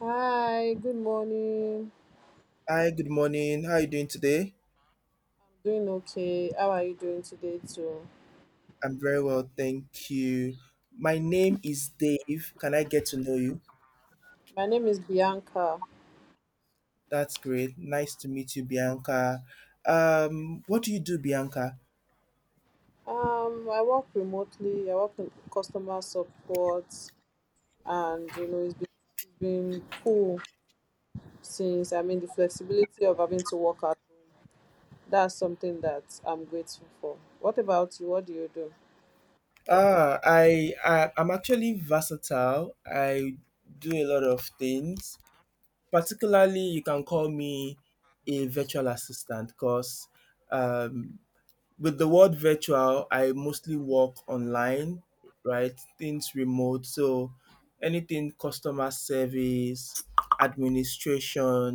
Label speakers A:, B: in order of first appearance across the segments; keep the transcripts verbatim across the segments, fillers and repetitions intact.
A: Hi, good morning.
B: Hi, good morning. How are you doing today?
A: I'm doing okay. How are you doing today too?
B: I'm very well, thank you. My name is Dave. Can I get to know you?
A: My name is Bianca.
B: That's great. Nice to meet you, Bianca. Um, what do you do, Bianca?
A: Um, I work remotely. I work in customer support, and you know it's been it's been cool since I mean the flexibility of having to work at home. That's something that I'm grateful for. What about you? What do you do?
B: Ah, I, I I'm actually versatile. I do a lot of things. Particularly, you can call me a virtual assistant because um. with the word virtual, I mostly work online, right? Things remote. So anything customer service, administration,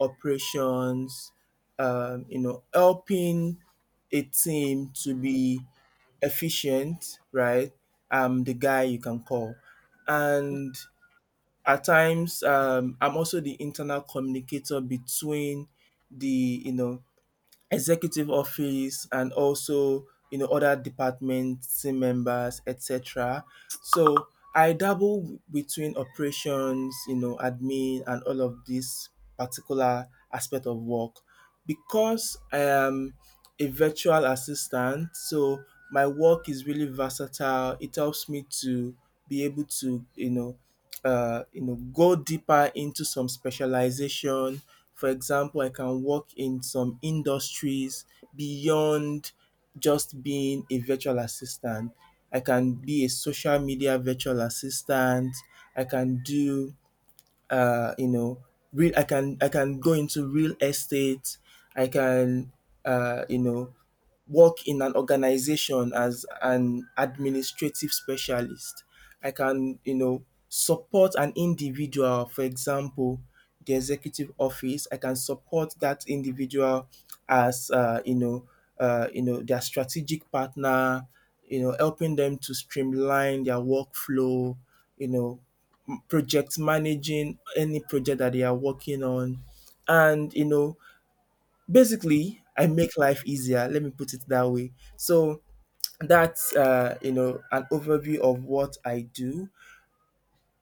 B: operations, um, you know, helping a team to be efficient, right? I'm the guy you can call. And at times, um, I'm also the internal communicator between the, you know, executive office, and also you know other department team members, etc. So I dabble between operations, you know admin, and all of this particular aspect of work because I am a virtual assistant. So my work is really versatile. It helps me to be able to you know uh, you know go deeper into some specialization. For example, I can work in some industries beyond just being a virtual assistant. I can be a social media virtual assistant. I can do, uh, you know, real. I can I can go into real estate. I can, uh, you know, work in an organization as an administrative specialist. I can, you know, support an individual, for example, the executive office. I can support that individual as, uh, you know, uh, you know, their strategic partner. You know, helping them to streamline their workflow, You know, project managing any project that they are working on, and you know, Basically, I make life easier. Let me put it that way. So that's uh, you know an overview of what I do,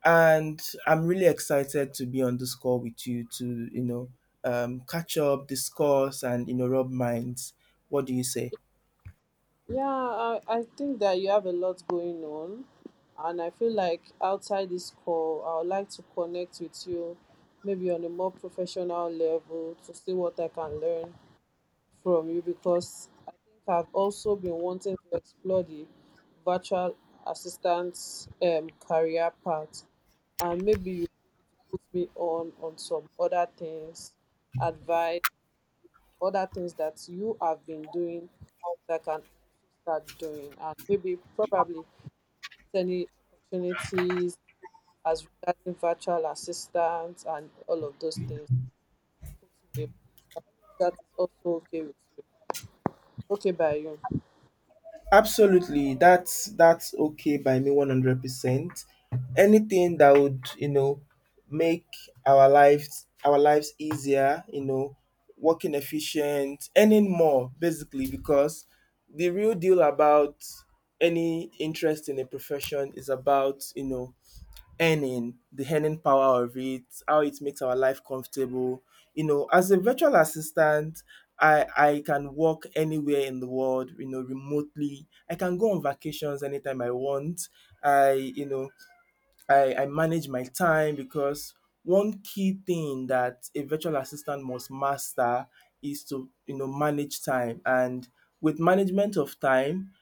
B: and I'm really excited to be on this call with you to you know um, catch up, discuss, and you know rub minds. What do you say?
A: Yeah, I, I think that you have a lot going on. And I feel like outside this call, I would like to connect with you maybe on a more professional level to see what I can learn from you, because I think I've also been wanting to explore the virtual assistance um, career path. And maybe you put me on on some other things, advice, other things that you have been doing that I can also start doing and maybe probably get any opportunities as regarding virtual assistants and all of those things. Put me up. That is also okay with you. Okay by you.
B: Absolutely, that's that's okay by me one hundred percent. Anything that would, you know, make our lives our lives easier, you know, working efficient, earning more, basically because the real deal about any interest in a profession is about, you know, earning — the earning power of it, how it makes our life comfortable. You know, as a virtual assistant, I, I can work anywhere in the world, you know, remotely. I can go on vacations anytime I want. I, you know, I, I manage my time because one key thing that a virtual assistant must master is to, you know, manage time. And with management of time,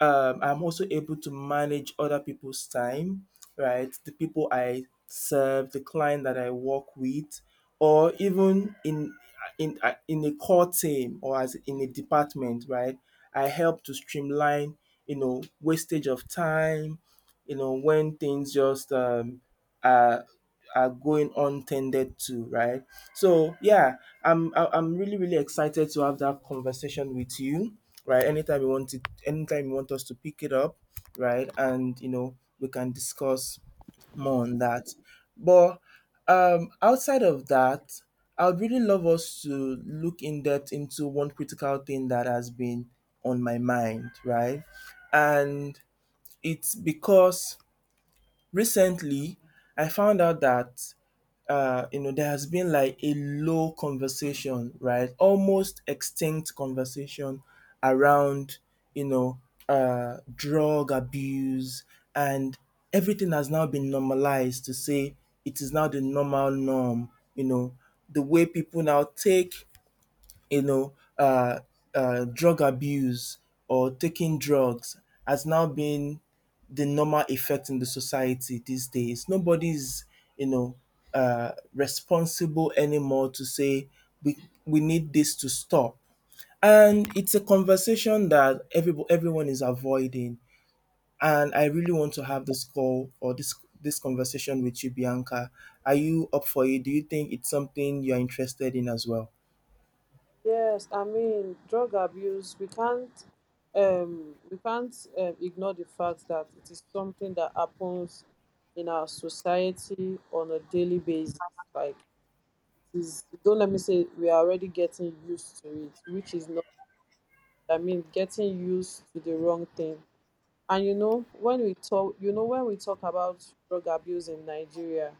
B: um, I'm also able to manage other people's time, right? The people I serve, the client that I work with, or even in in uh, in a core team or as in a department, right? I help to streamline, you know, wastage of time, you know, when things just um, are are going untended to, right? So yeah, I'm I- I'm really really excited to have that conversation with you, right? Anytime you want it, anytime you want us to pick it up, right? And you know, we can discuss more on that. But um, outside of that, I would really love us to look in depth into one critical thing that has been on my mind, right? And it's because recently I found out that uh, you know, there has been like a low conversation, right? Almost extinct conversation around, you know, uh, drug abuse, and everything has now been normalized to say it is now the normal norm, you know, the way people now take, you know, uh, uh, drug abuse or taking drugs, has now been the normal effect in the society these days. Nobody's, you know, uh, responsible anymore to say we we need this to stop. And it's a conversation that every, everyone is avoiding. And I really want to have this call or this this conversation with you, Bianca. Are you up for it? Do you think it's something you're interested in as well?
A: Yes, I mean drug abuse, we can't um we can't um, ignore the fact that it is something that happens in our society on a daily basis. Like, is, don't let me say we are already getting used to it, which is not, I mean, getting used to the wrong thing. And you know, when we talk you know when we talk about drug abuse in Nigeria,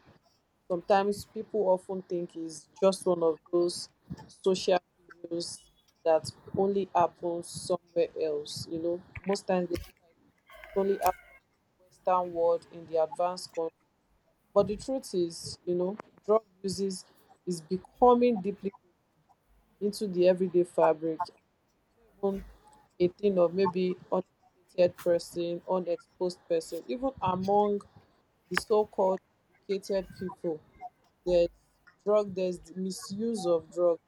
A: sometimes people often think it's just one of those social issues that only happens somewhere else. You know, most times they feel like it only happens in Western world, in the advanced country. But the truth is, you know, drug uses is becoming deeply into the everyday fabric. Even a thing of maybe uneducated person, unexposed person, even among the so called educated people, there's drug, there's the misuse of drugs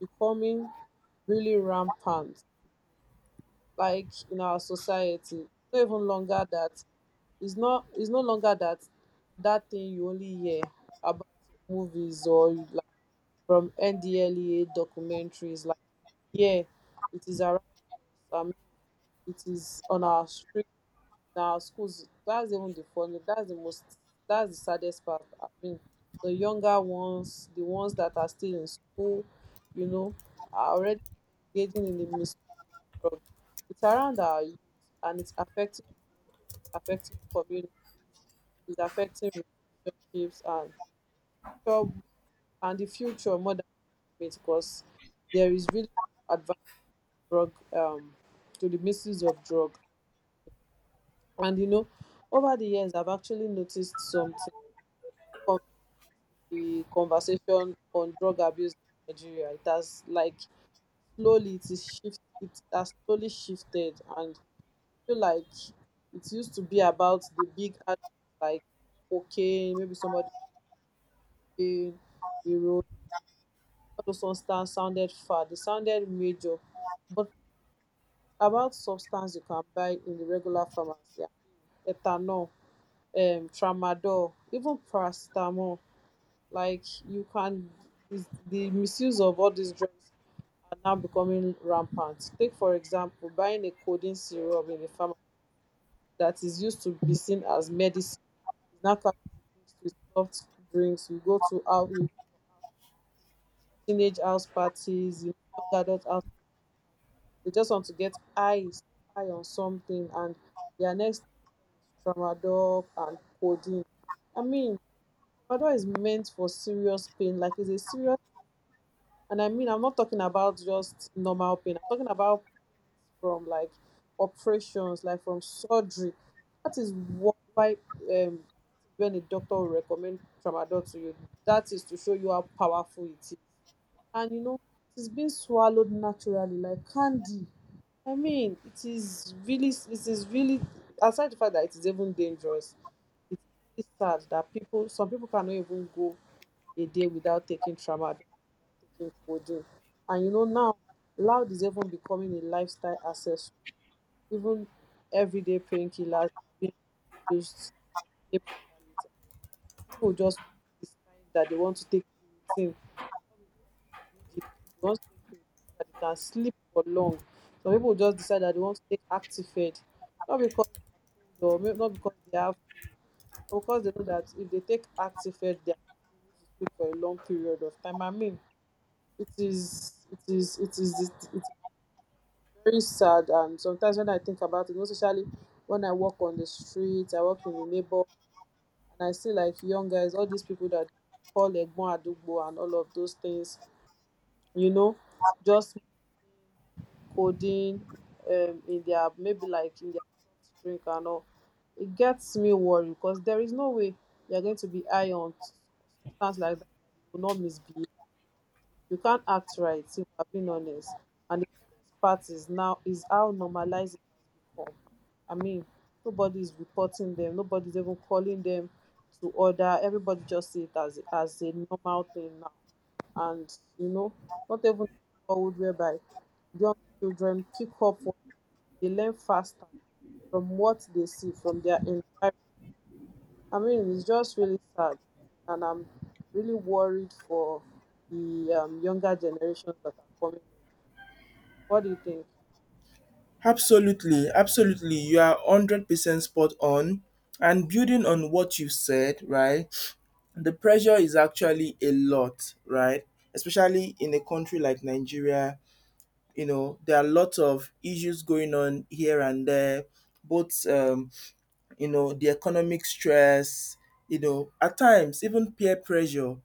A: becoming really rampant, like, in our society. Not even longer that it's not it's no longer that that thing you only hear about in movies, or like from N D L E A documentaries. Like, yeah, it is around us. I mean, it is on our street, in our schools. That's even the funny. That's the most. That's the saddest part. I mean, the younger ones, the ones that are still in school, you know, are already engaging in the misuse drug. It's around our youth, and it's affecting homes, affecting communities, it's affecting relationships and job and the future more than it, because there is really no drug, um to the misuse of drug. And you know, over the years I've actually noticed something. From the conversation on drug abuse in Nigeria, it has like slowly, it is shift it has slowly shifted. And I feel like it used to be about the big ad- like cocaine, maybe somebody, cocaine, heroin, all those substance sounded far, they sounded major. But about substance you can buy in the regular pharmacy, ethanol, um tramadol, even paracetamol, like, you can, is- the misuse of all these drugs are now becoming rampant. Take for example, buying a codeine syrup in a pharmacy that is used to be seen as medicine, is now casually mixed with soft drinks. you go to out you go for out teenage house parties, you know, young adult house, they just want to get high, so high on something, and their next option is tramadol and codeine. I mean, tramadol is meant for serious pain, like, it's a serious, and I mean, I'm not talking about just normal pain. I'm talking about pains from like operations, like from surgery. That is what why, um that is when a doctor will recommend tramadol to you. That is to show you how powerful it is, and you know it is being swallowed naturally like candy. I mean, it is really, it is really aside the fact that it is even dangerous, it's really sad that people, some people cannot even go a day without taking tramadol, without taking codeine. And you know, now loud is even becoming a lifestyle accessory. Even everyday painkillers are being used to escape reality. Some people just decide that they want to take creatine. Not because they need it. They want to take creatine so that they can sleep for long. Some people just decide that they want to take active. Not because they are cold, or may- not because they have flu. But because they know that if they take active, they are able to sleep for a long period of time. I mean, it is it is it is it, it is very sad. And sometimes when I think about it, most especially when I walk on the street, I walk in the neighborhood and I see like young guys, all these people that call Egbon Adugbo and all of those things, you know, just coding, um, in their, maybe like in their soft drink and all. It gets me worried because there is no way you're going to be high on substance like that. You will not misbehave, you can't act right if we're being honest. And the saddest part is now is how normalized it has become. I mean, nobody is reporting them, nobody's even calling them to order. Everybody just see it as as a normal thing now. And you know, not even forward whereby young children pick up what they learn faster from what they see from their environment. I mean, it's just really sad, and I'm really worried for the um, younger generations that are coming up. What do you think?
B: Absolutely, absolutely. You are one hundred percent spot on. And building on what you said, right? The pressure is actually a lot, right? Especially in a country like Nigeria, you know, there are lots of issues going on here and there, both um, you know, the economic stress, you know, at times even peer pressure,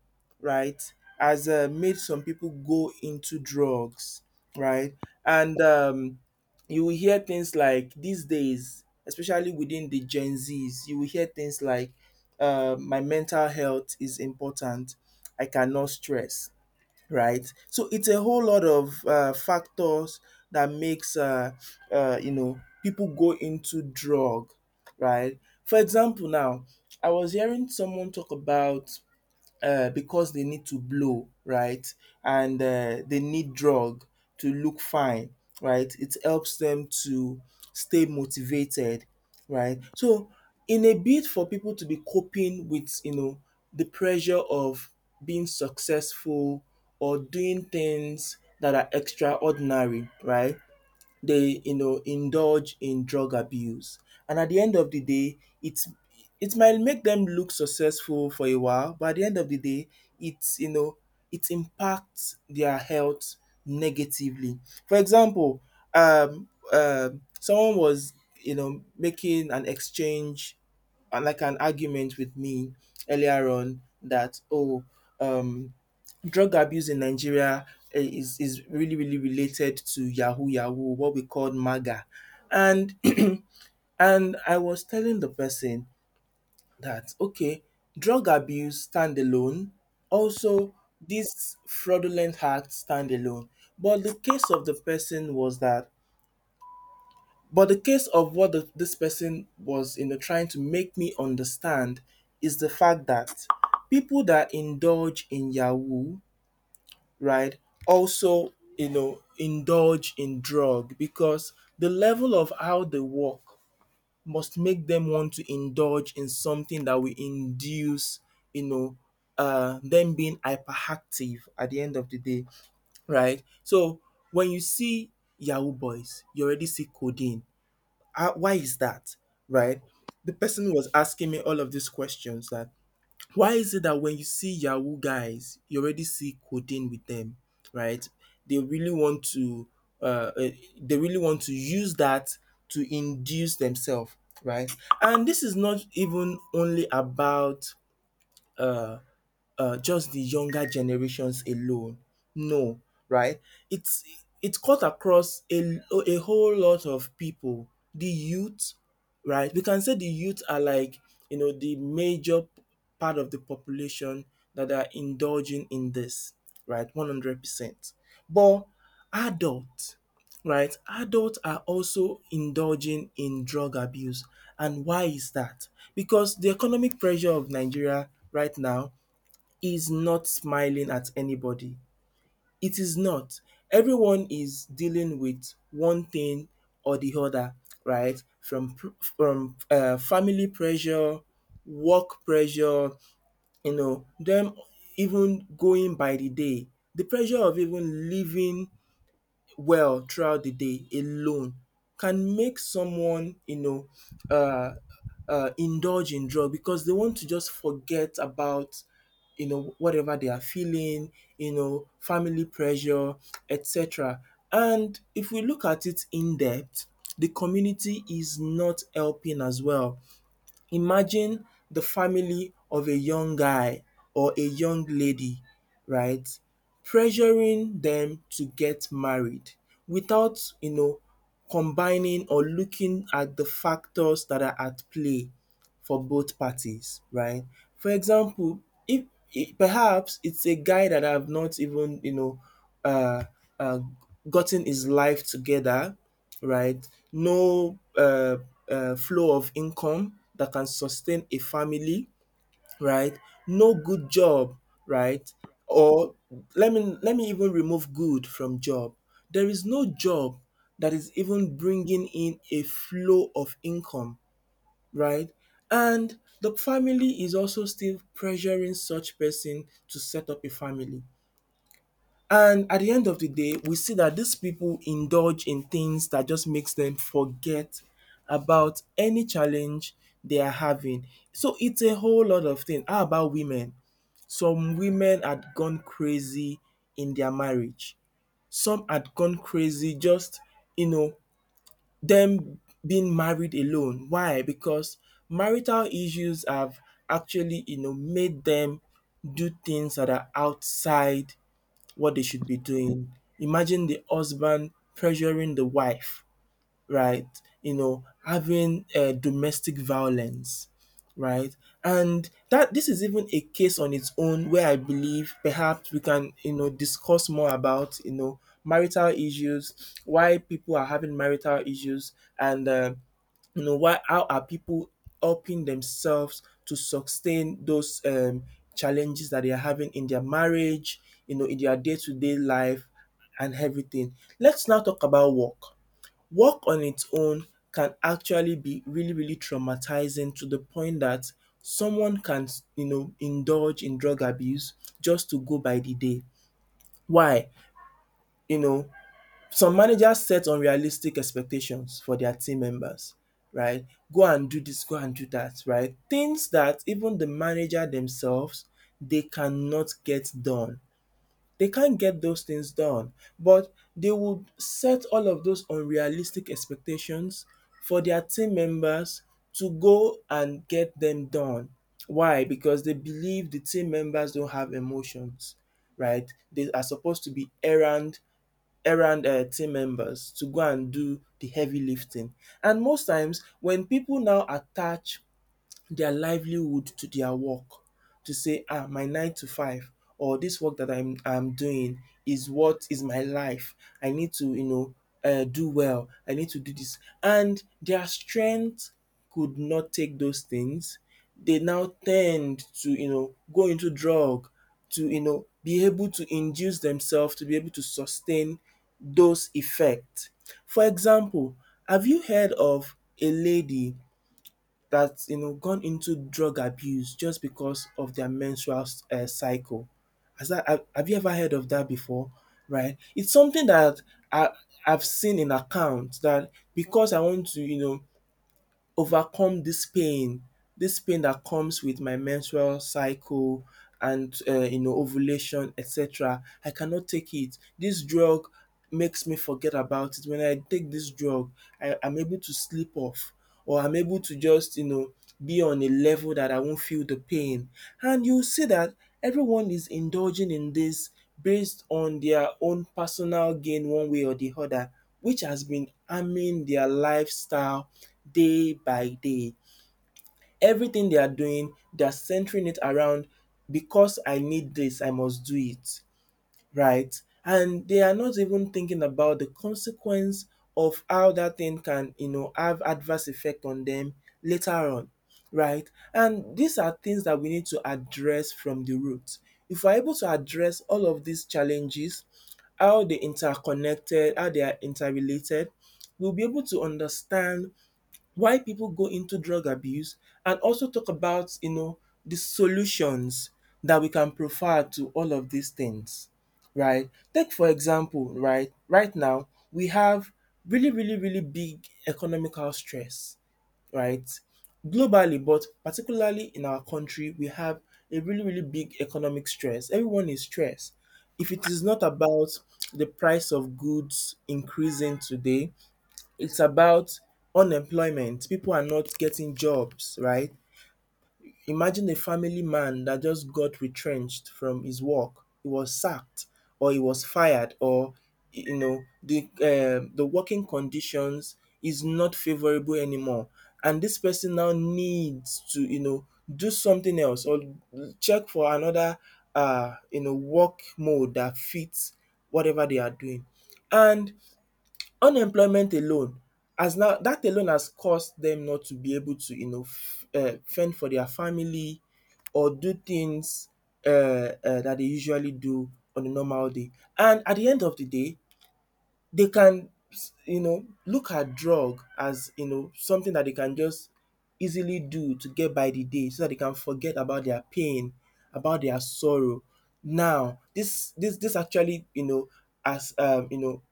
B: right, has uh, made some people go into drugs, right? And um, you will hear things like these days, especially within the Gen Zs. You will hear things like, uh, my mental health is important, I cannot stress, right? So it's a whole lot of uh, factors that makes uh, uh, you know people go into drug, right? For example, now I was hearing someone talk about uh, because they need to blow, right? And uh, they need drug to look fine, right? It helps them to stay motivated, right? So, in a bid for people to be coping with, you know, the pressure of being successful or doing things that are extraordinary, right? They you know indulge in drug abuse, and at the end of the day, it's it might make them look successful for a while. But at the end of the day, it's you know it impacts their health negatively. For example, um um someone was you know making an exchange and, like, an argument with me earlier on that, oh, um drug abuse in Nigeria, eh, is is really really related to yahoo yahoo, what we call MAGA. And and I was telling the person that, okay, drug abuse stand alone, also these fraudulent acts stand alone. But the case of the person was that, but the case of what the, this person was you know trying to make me understand is the fact that people that indulge in yahoo, right? Also, you know, indulge in drug because the level of how they work must make them want to indulge in something that will induce, you know, uh, them being hyperactive at the end of the day, right? So when you see Yahoo boys, you already see codeine. Uh, why is that, right? The person was asking me all of these questions that why is it that when you see Yahoo guys, you already see codeine with them, right? They really want to, uh, eh, they really want to use that to induce themselves, right? And this is not even only about uh, just the younger generations alone. No, right? It's it cut across a a whole lot of people. The youth, right? We can say the youth are like you know the major p- part of the population that are indulging in this, right? One hundred percent. But adults, right? Adults are also indulging in drug abuse, and why is that? Because the economic pressure of Nigeria right now is not smiling at anybody. It is not. Everyone is dealing with one thing or the other, right? From from uh, family pressure, work pressure, you know, them even going by the day — the pressure of even living well throughout the day alone can make someone, you know, uh, uh, indulge in drug because they want to just forget about, you know, whatever they are feeling, you know, family pressure, et cetera. And if we look at it in depth, the community is not helping as well. Imagine the family of a young guy or a young lady, right, pressuring them to get married without, you know, combining or looking at the factors that are at play for both parties, right? For example, if, if perhaps it's a guy that have not even, you know, uh, uh, gotten his life together, right? No uh, uh, flow of income that can sustain a family, right? No good job, right? Or let me let me even remove good from job. There is no job that is even bringing in a flow of income, right? And the family is also still pressuring such person to set up a family. And at the end of the day, we see that these people indulge in things that just makes them forget about any challenge they are having. So it's a whole lot of things. How about women? Some women had gone crazy in their marriage. Some had gone crazy just, you know, them being married alone. Why? Because marital issues have actually, you know, made them do things that are outside what they should be doing. Imagine the husband pressuring the wife, right? You know, having uh, domestic violence, right? And that this is even a case on its own where I believe perhaps we can, you know, discuss more about, you know, marital issues, why people are having marital issues, and uh, you know why how are people helping themselves to sustain those um, challenges that they are having in their marriage, you know in their day-to-day life and everything. Let's now talk about work. Work on its own can actually be really, really traumatizing to the point that someone can, you know, indulge in drug abuse just to go by the day. Why? You know, some managers set unrealistic expectations for their team members, right? Go and do this, go and do that, right? Things that even the manager themselves, they cannot get done. They can't get those things done, but they would set all of those unrealistic expectations for their team members to go and get them done. Why? Because they believe the team members don't have emotions, right? They are supposed to be errand errand uh, team members to go and do the heavy lifting. And most times when people now attach their livelihood to their work, to say ah my nine to five or this work that I'm I'm doing is what is my life. I need to, you know, uh, do well. I need to do this. And their strength could not take those things. They now tend to, you know, go into drug to, you know, be able to induce themselves to be able to sustain those effects. For example, have you heard of a lady that's, you know gone into drug abuse just because of their menstrual uh, cycle? Has that have have you ever heard of that before? Right? It's something that I I've seen in accounts, that because I want to, you know overcome this pain, this pain that comes with my menstrual cycle and uh, you know ovulation, et cetera. I cannot take it. This drug makes me forget about it. When I take this drug, I, I'm able to sleep off or I'm able to just, you know be on a level that I won't feel the pain. And you see that everyone is indulging in this based on their own personal gain one way or the other, which has been harming their lifestyle day by day. Everything they are doing, they are centering it around because I need this, I must do it, right? And they are not even thinking about the consequence of how that thing can, you know, have adverse effect on them later on, right? And these are things that we need to address from the root. If we're able to address all of these challenges, how they interconnected, how they are interrelated, we'll be able to understand why people go into drug abuse and also talk about, you know, the solutions that we can provide to all of these things, right? Take for example, right? Right now, we have really, really, really big economical stress, right? Globally, but particularly in our country, we have a really, really big economic stress. Everyone is stressed. If it is not about the price of goods increasing today, it's about unemployment. People are not getting jobs, right? Imagine a family man that just got retrenched from his work. He was sacked or he was fired, or you know the uh, the working conditions is not favorable anymore, and this person now needs to, you know do something else or check for another uh you know work mode that fits whatever they are doing. And unemployment alone has now, dat alone has caused dem not to be able to, you know um fend for their family or do things um dat dey usually do on a normal day. And at the end of the day they can, you know look at drug as, you know something that they can just easily do to get by the day, so that they can forget about their pain, about their sorrow. Now this this this actually, you know as um you know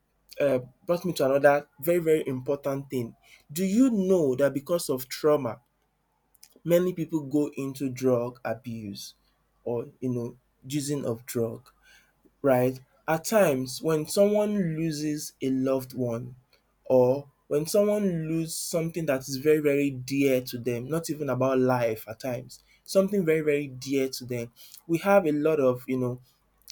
B: uh, brought me to another very, very important thing. Do you know that because of trauma, many people go into drug abuse or, you know using of drug, right? At times, when someone loses a loved one, or when someone loses something that is very, very dear to them, not even about life at times, something very, very dear to them, we have a lot of, you know,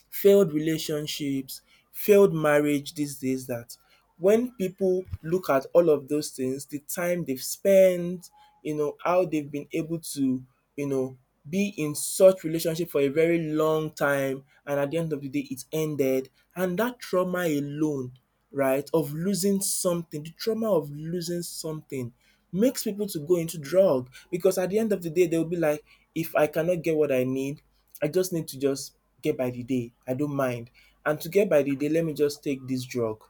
B: failed relationships, failed marriage these days, that when people look at all of those things, the time they've spent, you know, how they've been able to, you know, be in such relationship for a very long time and at the end of the day it ended, and that trauma alone, right, of losing something, the trauma of losing something, makes people to go into drug because at the end of the day they'll be like, if I cannot get what I need, I just need to just get by the day. I don't mind. And to get by the day, let me just take this drug.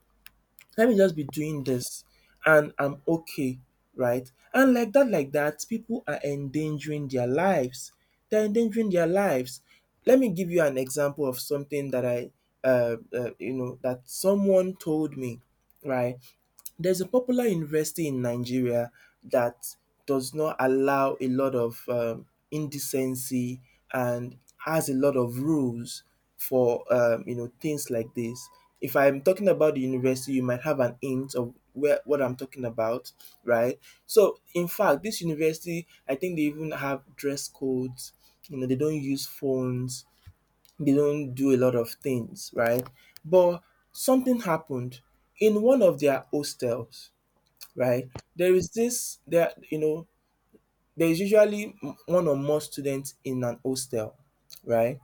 B: Let me just be doing this and I'm okay, right? And like that, like that, people are endangering their lives. They're endangering their lives. Let me give you an example of something that I, uh, uh, you know, that someone told me, right? There's a popular university in Nigeria that does not allow a lot of um, indecency and has a lot of rules for um, you know things like this. If I'm talking about the university, you might have an hint of where what I'm talking about, right? So in fact, this university, I think they even have dress codes. You know, they don't use phones. They don't do a lot of things, right? But something happened in one of their hostels, right? There is this there you know, there is usually m- one or more students in an hostel, right?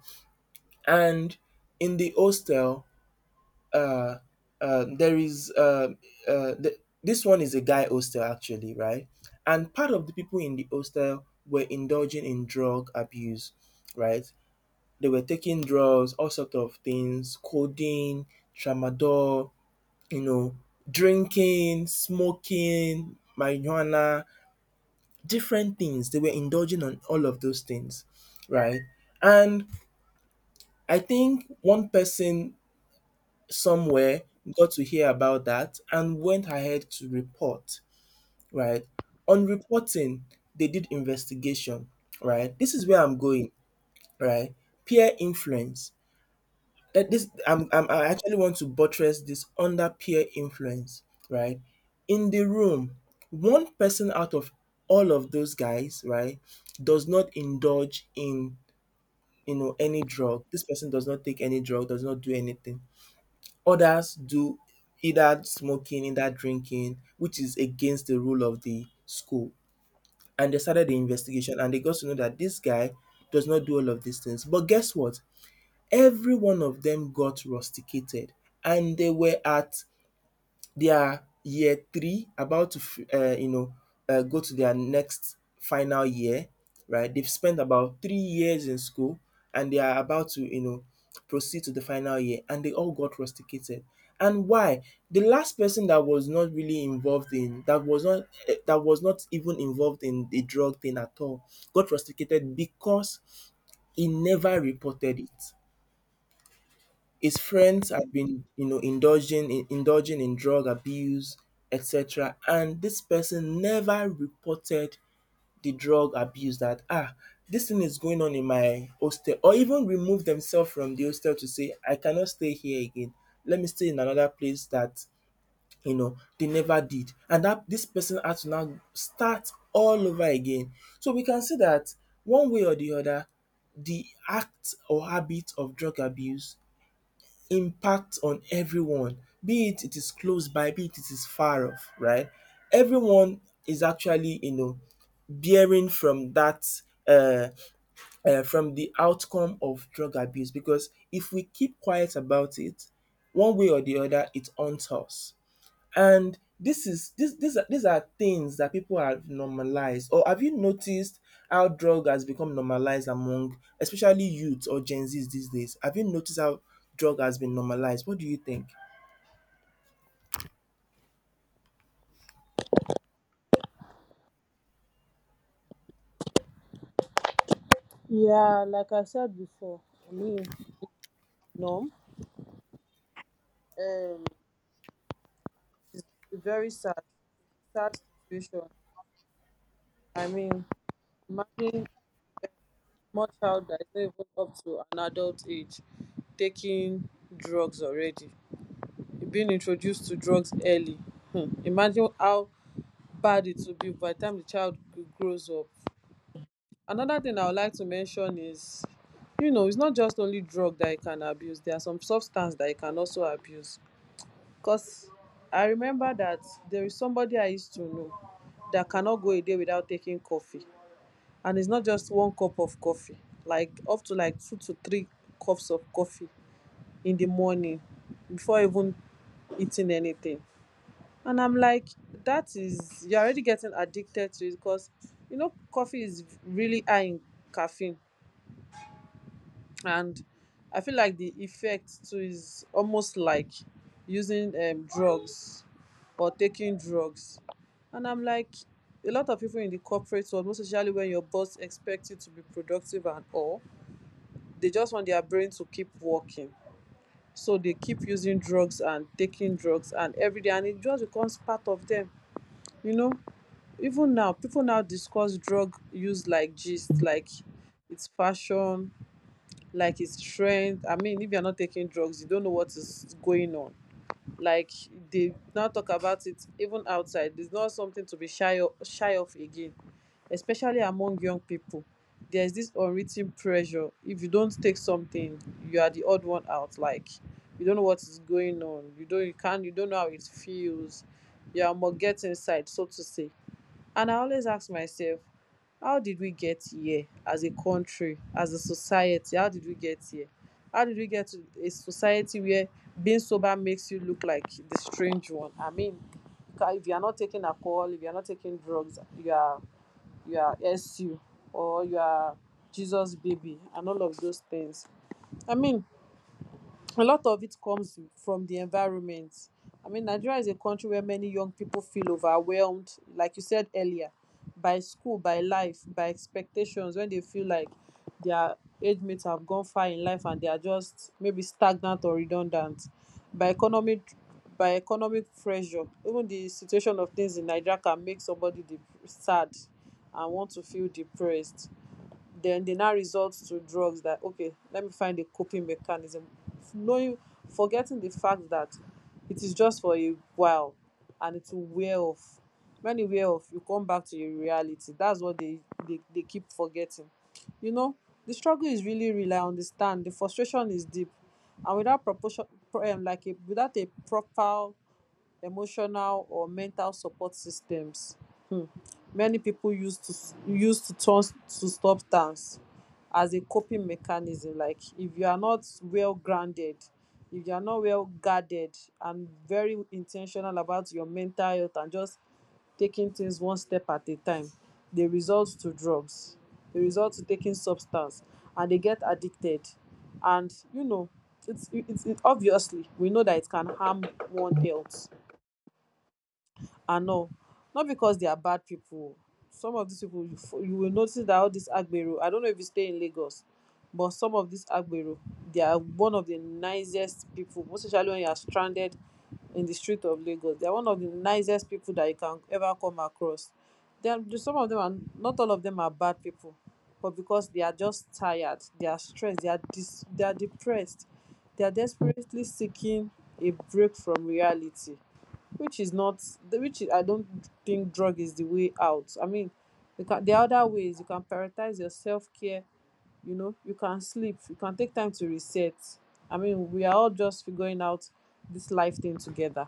B: And in the hostel, uh, uh, there is uh, uh, th- this one is a guy hostel actually, right? And part of the people in the hostel were indulging in drug abuse, right? They were taking drugs, all sorts of things, codeine, tramadol, you know, drinking, smoking, marijuana, different things. They were indulging on all of those things, right? And I think one person somewhere got to hear about that and went ahead to report, right? On reporting, they did investigation, right? This is where I'm going, right? Peer influence. Eh, this I'm, I'm I actually want to buttress this under peer influence, right? In the room, one person out of all of those guys, right, does not indulge in, you know any drug. This person does not take any drug, does not do anything. Others do, either smoking, either drinking, which is against the rule of the school. And they started the investigation and they got to know that this guy does not do all of these things. But guess what? Every one of them got rusticated, and they were at their year three, about to, uh, you know, uh, go to their next final year, right? They've spent about three years in school and they are about to, you know, proceed to the final year, and they all got rusticated. And why? The last person that was not really involved in that, was not eh, that was not even involved in the drug thing at all, got rusticated because he never reported it. His friends had been, you know, indulging in indulging in drug abuse, et cetera. And this person never reported the drug abuse, that ah, this thing is going on in my hostel, or even remove themselves from the hostel to say, I cannot stay here again. Let me stay in another place. That, you know they never did. And that this person had to now start all over again. So we can see that one way or the other, the act or habit of drug abuse impact on everyone, be it it is close by, be it it is far off, right? Everyone is actually, you know, bearing from that uh, uh, from the outcome of drug abuse, because if we keep quiet about it, one way or the other, it haunts us. And this is this these are these are things that people have normalized. Or have you noticed how drug has become normalized among especially youths or Gen Zs these days? Have you noticed how drug has been normalized? What do you think?
A: Yeah, like I said before, I mean, no, um, it's very sad. It's a sad situation. I mean, imagine more child that is not even up to an adult age taking drugs already, being introduced to drugs early. Hmm. Imagine how bad it will be by the time the child g- grows up. Another thing I would like to mention is, you know, it's not just only drug that you can abuse. There are some substance that you can also abuse. Cause I remember that there is somebody I used to know that cannot go a day without taking coffee, and it's not just one cup of coffee. Like up to like two to three cups of coffee in the morning before even eating anything. And I'm like, that is, you're already getting addicted to it, because you know coffee is really high in caffeine. And I feel like the effect too is almost like using um, drugs or taking drugs. And I'm like, a lot of people in the corporate world, most especially when your boss expects you to be productive and all, they just want their brain to keep working, so they keep using drugs and taking drugs and every day, and it just becomes part of them. You know, even now people now discuss drug use like gist, like it's fashion, like his strength. I mean, if you're not taking drugs you don't know what is going on. Like, they now talk about it even outside, it's not something to be shy of, shy of again, especially among young people. There's this unwritten pressure, if you don't take something, you are the odd one out. Like, you don't know what is going on, you don't, you can't, you don't know how it feels, you are more get inside, so to say. And I always ask myself, how did we get here as a country, as a society, how did we get here? How did we get to a society where being sober makes you look like the strange one? I mean, ca- if you are not taking alcohol, if you are not taking drugs, you are, you are su or you are Jesus baby and all of those things. I mean, a lot of it comes from the environment. I mean, Nigeria is a country where many young people feel overwhelmed, like you said earlier, by school, by life, by expectations, when they feel like their age mates have gone far in life and they are just maybe stagnant or redundant, by economic by economic pressure. Even the situation of things in Nigeria can make somebody dep- sad and want to feel depressed. Then they now resort to drugs that, okay, let me find a coping mechanism, knowing forgetting the fact that it is just for a while and it will wear off. When e wear off, you come back to your reality. That's what they they, they keep forgetting, you know. The struggle is really real. I understand the frustration is deep and without proportion. Pro- um, like a, without a proper emotional or mental support systems. um Many people use to s- use to turn s- to substance as a coping mechanism. Like if you are not well grounded, if you are not well guarded and very intentional about your mental health, and just taking things one step at a time, they result to drugs, they result to taking substance, and they get addicted. And you know, it's it's it, obviously we know that it can harm one health and all. Not because they are bad people. Some of these people, you, f- you will notice that all these Agbero, I don't know if you stay in Lagos, but some of these Agbero, they are one of the nicest people, most especially when you are stranded in the street of Lagos. They are one of the nicest people that you can ever come across. Then some of them are, not all of them are bad people, but because they are just tired, they are stressed, they are dis, they are depressed, they are desperately seeking a break from reality, which is not, which is, I don't think drug is the way out. I mean, you can, there are other ways you can prioritize your self-care. You know, you can sleep, you can take time to reset. I mean, we are all just figuring out this life thing together.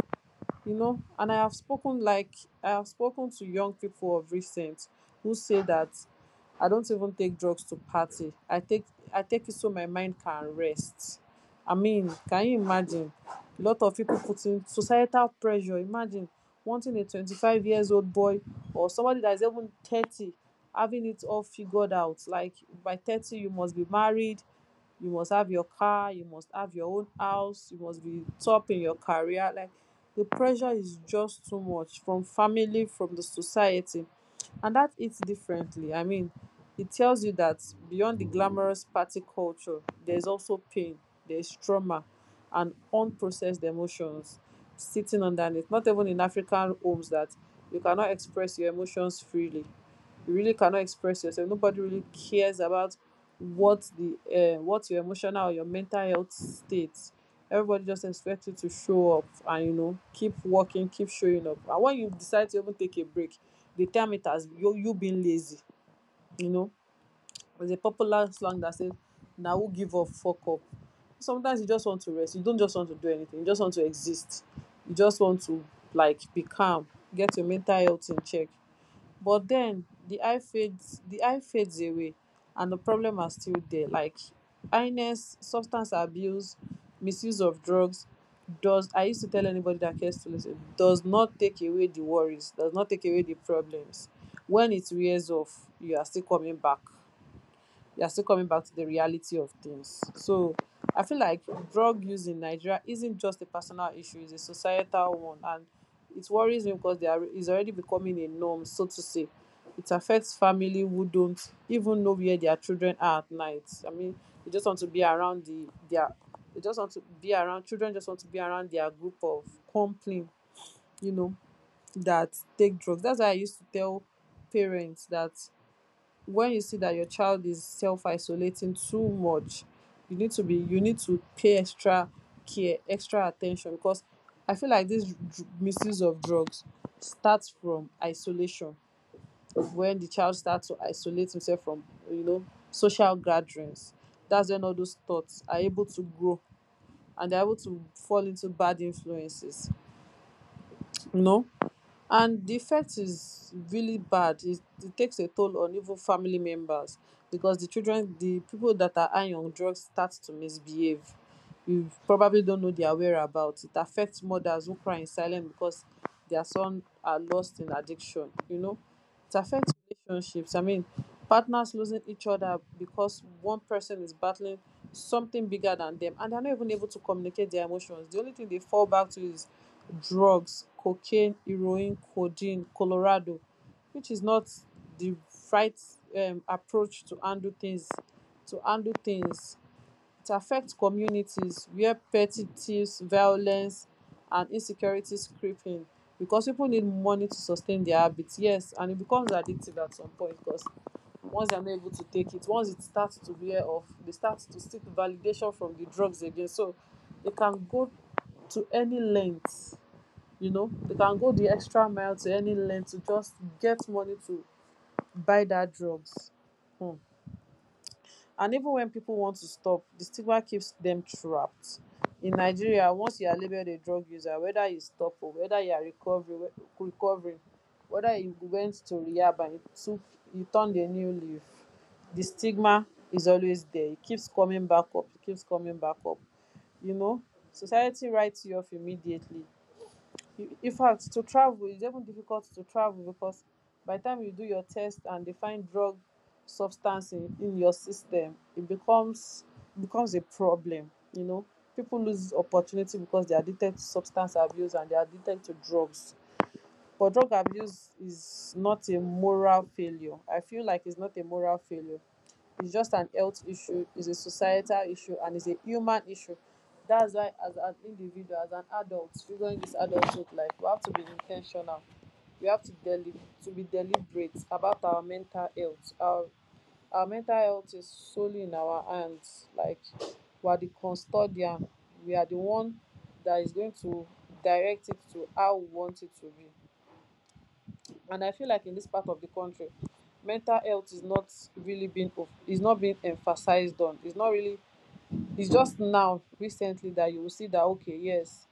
A: You know, and i have spoken like I have spoken to young people of recent who say that I don't even take drugs to party. i take I take it so my mind can rest. I mean, can you imagine a lot of people putting societal pressure, imagine wanting a twenty-five years old boy or somebody that is even thirty having it all figured out. Like by thirty you must be married, you must have your car, you must have your own house, you must be top in your career. Like the pressure is just too much from family, from the society, and that hits differently. I mean, it tells you that beyond the glamorous party culture, there's also pain, there's trauma and unprocessed emotions sitting underneath. Not even in African homes that you cannot express your emotions freely, you really cannot express yourself. Nobody really cares about what the um what your emotional or your mental health state. Everybody just expects you to show up, and you know, keep working, keep showing up. And when you decide to even take a break, they term it as you you being lazy, you know. There's a popular slang that says, "Now who give up fuck up." Sometimes you just want to rest, you don't just want to do anything, you just want to exist, you just want to, like, be calm, get your mental health in check. But then the eye fades, the eye fades away, and the problem are still there. Like illness, substance abuse, misuse of drugs does, I used to tell anybody that cares to listen, does not take away the worries, does not take away the problems. When it wears off, you are still coming back you're still coming back to the reality of things. So I feel like drug use in Nigeria isn't just a personal issue, it's a societal one. And it worries me because they are, it's already becoming a norm, so to say. It affects family who don't even know where their children are at night. I mean, they just want to be around the their they just want to be around children, just want to be around their group of company, you know, that take drugs. That's why I used to tell parents that when you see that your child is self-isolating too much, you need to be you need to pay extra care, extra attention, because I feel like this dr- misuse of drugs starts from isolation. When the child starts to isolate himself from, you know, social gatherings, that's when all those thoughts are able to grow and they're able to fall into bad influences, you know. And the effect is really bad. It, it takes a toll on even family members, because the children, the people that are high on drugs start to misbehave. You probably don't know their whereabouts. It affects mothers who cry in silence because their son are lost in addiction, you know. It affects relationships. I mean, partners losing each other because one person is battling something bigger than them, and they're not even able to communicate their emotions. The only thing they fall back to is drugs, cocaine, heroin, codeine, Colorado, which is not the right um approach to handle things to handle things. It affects communities where petty thieves, violence and insecurities creep in because people need money to sustain their habits. Yes, and it becomes addictive at some point because once they're not able to take it, once it starts to wear off, they start to seek validation from the drugs again. So they can go to any length, you know, they can go the extra mile to any length to just get money to buy that drugs. Hmm. And even when people want to stop, the stigma keeps them trapped. In Nigeria, once you are labeled a drug user, whether you stop or whether you are recovering recovering, whether you went to rehab and you took, you turned a new leaf, the stigma is always there. It keeps coming back up it keeps coming back up, you know. Society writes you off immediately. In in fact, to travel is even difficult, to travel, because by the time you do your test and they find drug substance in, in your system, it becomes, becomes a problem, you know. People lose opportunity because they are addicted to substance abuse and they are addicted to drugs. But drug abuse is not a moral failure. I feel like it's not a moral failure. It's just an health issue, it's a societal issue, and it's a human issue. That's why, as an individual, as an adult, figuring this adulthood life, we have to be intentional. We have to deli- to be deliberate about our mental health. Our our mental health is solely in our hands. Like we are the custodian. We are the one that is going to direct it to how we want it to be. And I feel like in this part of the country, mental health is not really being of- is not being emphasized on. It's not really, it's just now recently that you will see that, okay, yes,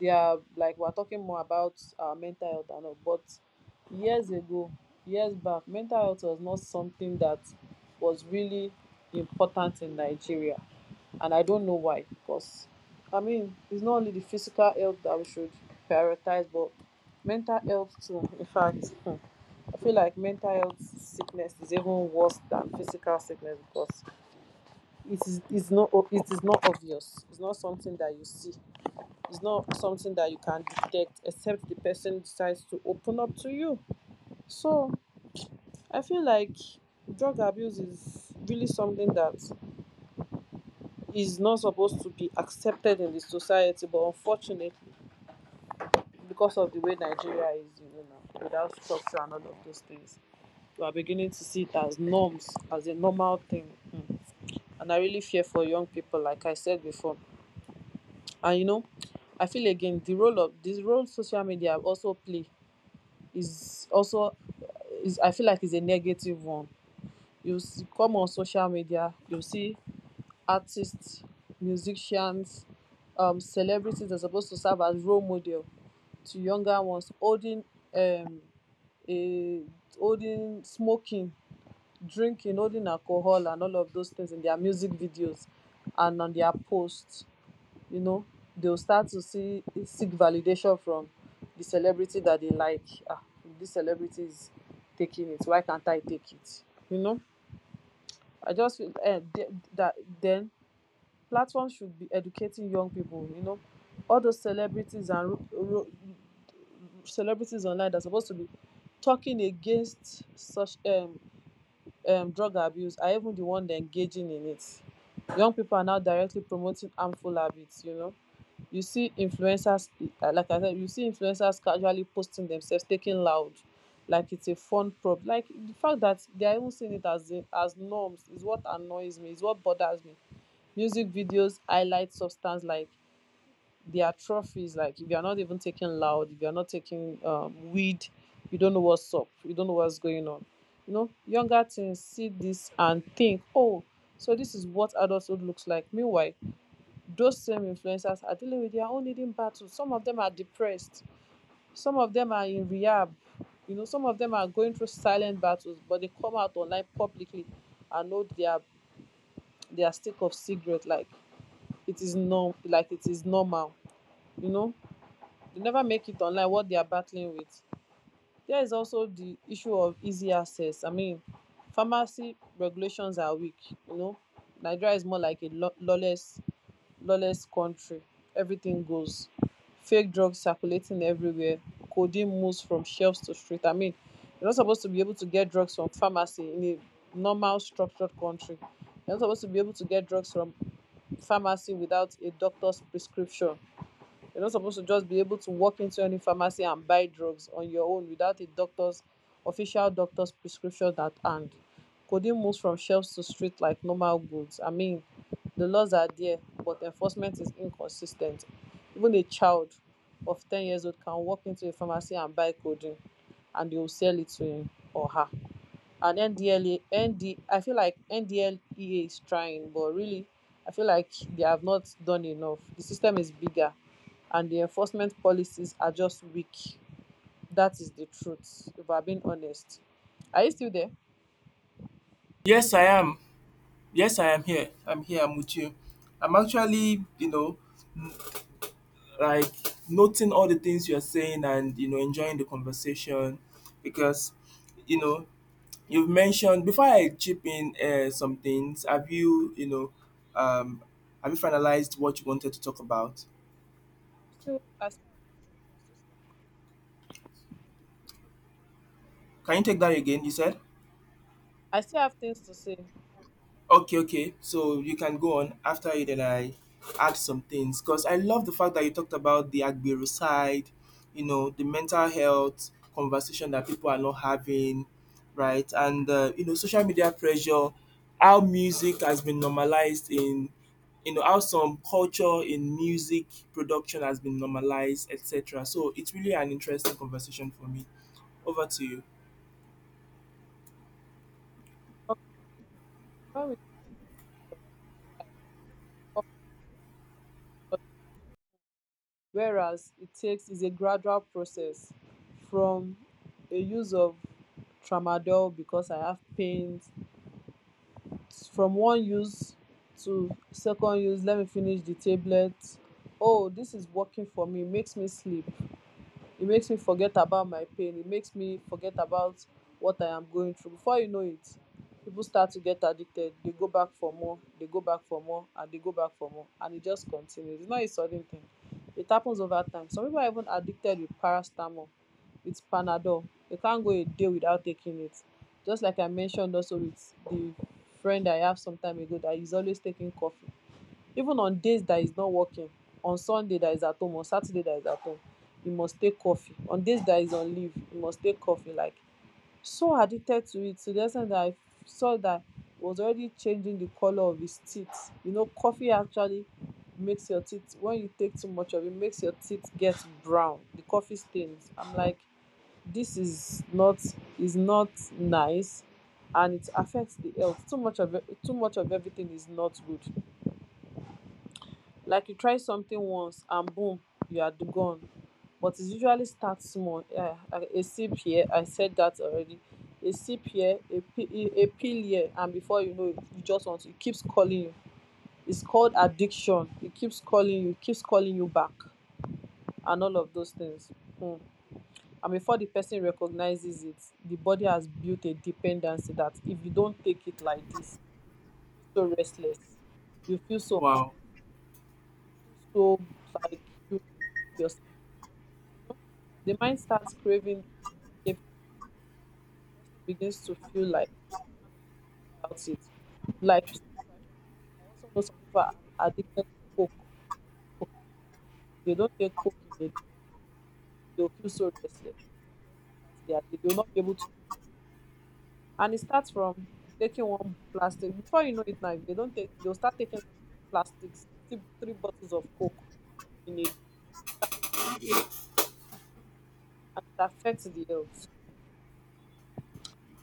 A: they are, like, we're talking more about uh, mental health and all, but years ago, years back, mental health was not something that was really important in Nigeria. And I don't know why, because I mean, it's not only the physical health that we should prioritize, but mental health too, in fact. I feel like mental health sickness is even worse than physical sickness, because it is it's not o- it is not obvious. It's not something that you see. It's not something that you can detect, except the person decides to open up to you. So I feel like drug abuse is really something that is not supposed to be accepted in the society, but unfortunately, because of the way Nigeria is, you know, now, without structure and all of those things, we are beginning to see it as norms, as a normal thing. Mm. And I really fear for young people, like I said before. And you know, I feel again the role of this role social media also play is also, is, I feel like, is a negative one. You see, come on social media, you see artists, musicians, um, celebrities are supposed to serve as role model to younger ones, holding um, a holding, smoking, drinking, holding alcohol, and all of those things in their music videos and on their posts. You know, they'll start to see seek validation from the celebrity that they like. Ah, this celebrity is taking it, why can't I take it? You know, I just feel eh, th- that then platforms should be educating young people. You know, all those celebrities and ro- ro- celebrities online that are supposed to be talking against such um, um, drug abuse are even the one that engaging in it. Young people are now directly promoting harmful habits. You know, you see influencers, uh, like I said, you see influencers casually posting themselves, taking loud, like it's a fun prop. Like the fact that they are even seeing it as a, as norms is what annoys me, is what bothers me. Music videos highlight substance like they are trophies. Like if you are not even taking loud, if you are not taking um, weed, you don't know what's up, you don't know what's going on. You know, younger teens see this and think, oh, so this is what adulthood looks like. Meanwhile, those same influencers are dealing with their own hidden battles. Some of them are depressed, some of them are in rehab. You know, some of them are going through silent battles, but they come out online publicly and know their their stick of cigarette like it is norm, like it is normal. You know, they never make it online what they are battling with. There is also the issue of easy access. I mean, pharmacy regulations are weak. You know, Nigeria is more like a lo- lawless lawless country. Everything goes, fake drugs circulating everywhere, codeine moves from shelves to street. I mean, you're not supposed to be able to get drugs from pharmacy in a normal structured country. You're not supposed to be able to get drugs from pharmacy without a doctor's prescription. You're not supposed to just be able to walk into any pharmacy and buy drugs on your own without a doctor's official doctor's prescription at hand. Codeine moves from shelves to street like normal goods. I mean, the laws are there, but enforcement is inconsistent. Even a child of ten years old can walk into a pharmacy and buy codeine, and they will sell it to him or her. And N D L A, N D, I feel like N D L E A is trying, but really, I feel like they have not done enough. The system is bigger, and the enforcement policies are just weak. That is the truth. If I'm being honest, are you still there?
B: Yes, I am. Yes, I am here. I'm here. I'm with you. I'm actually, you know, like noting all the things you're saying and, you know, enjoying the conversation because, you know, you've mentioned before I chip in uh, some things. Have you, you know, um, have you finalized what you wanted to talk about?
A: I'm still. I still have some things to say.
B: Can you take that again? You said.
A: I still have things to say.
B: Okay, okay. So you can go on, after you then I add some things, because I love the fact that you talked about the Agbero side, you know, the mental health conversation that people are not having, right? And uh, you know, social media pressure, how music has been normalized in, you know, how some culture in music production has been normalized, et cetera. So it's really an interesting conversation for me. Over to you.
A: Okay. Um, so when we talk about people often think that whereas it takes is a gradual process from a use of tramadol because I have pains, from one use to second use, let me finish the tablet. Oh, this is working for me, makes me sleep, it makes me forget about my pain, it makes me forget about what I am going through. Before you know it, people start to get addicted. They go back for more, they go back for more and they go back for more, and it just continues. It's not a sudden thing, it happens over time. Some people are even addicted with paracetamol, with Panadol. They can't go a day without taking it. Just like I mentioned also, with the friend I have some time ago that is always taking coffee, even on days that is not working, on Sunday that is at home, on Saturday that is at home, he must take coffee. On days that is on leave, he must take coffee. Like, so addicted to it to the extent that I saw that he was already changing the color of his teeth. You know, coffee actually makes your teeth, when you take too much of it, makes your teeth get brown, the coffee stains. I'm like, this is not, is not nice. And it affects the health. Too much of e- too much of everything is not good. Like, you try something once and boom, you are d- gone. But it usually starts small. Yeah, a a sip here, I said that already. A sip here, a, pi- a a pill here, and before you know it, you just want to, it keeps calling you. It's called addiction. It keeps calling you, it keeps calling you back, and all of those things. Hmm. And before the person recognizes it, the body has built a dependency that if you don't take it like this, you feel so restless, you feel so,
B: Wow.
A: feel so, like, you know yourself, you know, the mind starts craving. If the person begins to feel like, can't without it. Like some people, I feel- like, I also know some people are addicted to Coke, Coca. If they don't take Coke in a day, they'll feel so restless that they are they will not be able to. And it starts from taking one plastic. Before you know it, now, if they don't take, they'll start taking like, three plastics, three, three bottles of Coke in a day, start taking Coke, and it affects the health.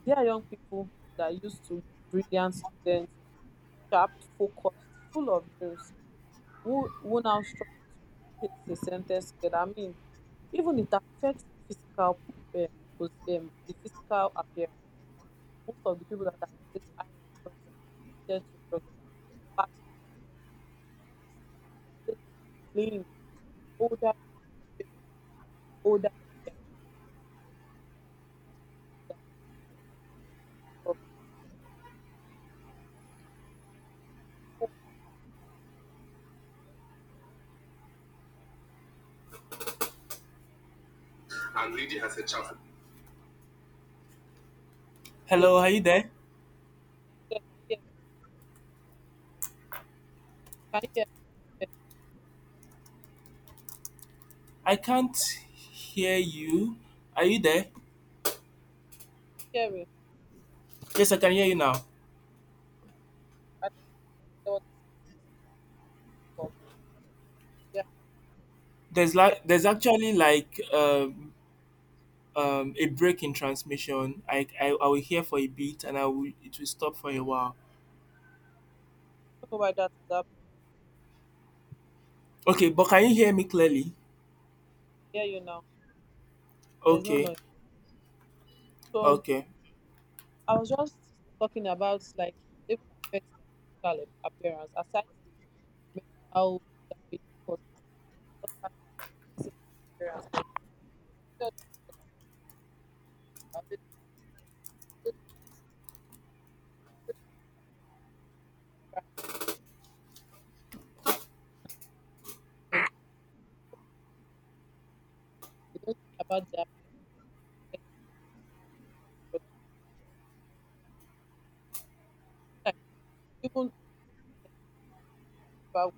A: They are young people that used to be brilliant students, sharp, focused, full of dreams, who, who now struggle to place a sentence together. I mean, even it affects the physical, um, pos- um, the physical appearance. Most of the people that are always high on drugs and addicted to drugs that are really battling at, when you see them, they are always looking lean, older. They, they look older than they are, like, because they are so dependent on drugs. So imagine for people who
B: And reading as a child.
A: this is a lot.
B: Hello, are you there?
A: I'm there. Can you hear me? Can
B: I can't hear you. Are you there?
A: you hear me? There? Can you hear me? Can you hear me?
B: Yes, I can hear you now.
A: I think there was a sound that was coming from the. Yeah, I
B: There's
A: don't,
B: like,
A: I
B: there's actually like um um a break in transmission. I I, I will hear for a bit and I will it will stop for a while.
A: don't know why that is happening. Because
B: Okay,
A: I
B: but
A: mean,
B: can you hear me clearly?
A: I can hear you now. There's no
B: Okay,
A: noise. So
B: okay.
A: I was just talking about like it even affects their physical ap- appearance, aside the mental damage it causes. It just affects their physical appearance. I tell you that I always- I always cry. They don't think about their appearance. Like, even if I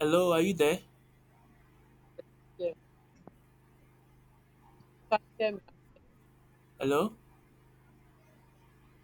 B: Hello, are you there?
A: 专业
B: Hello?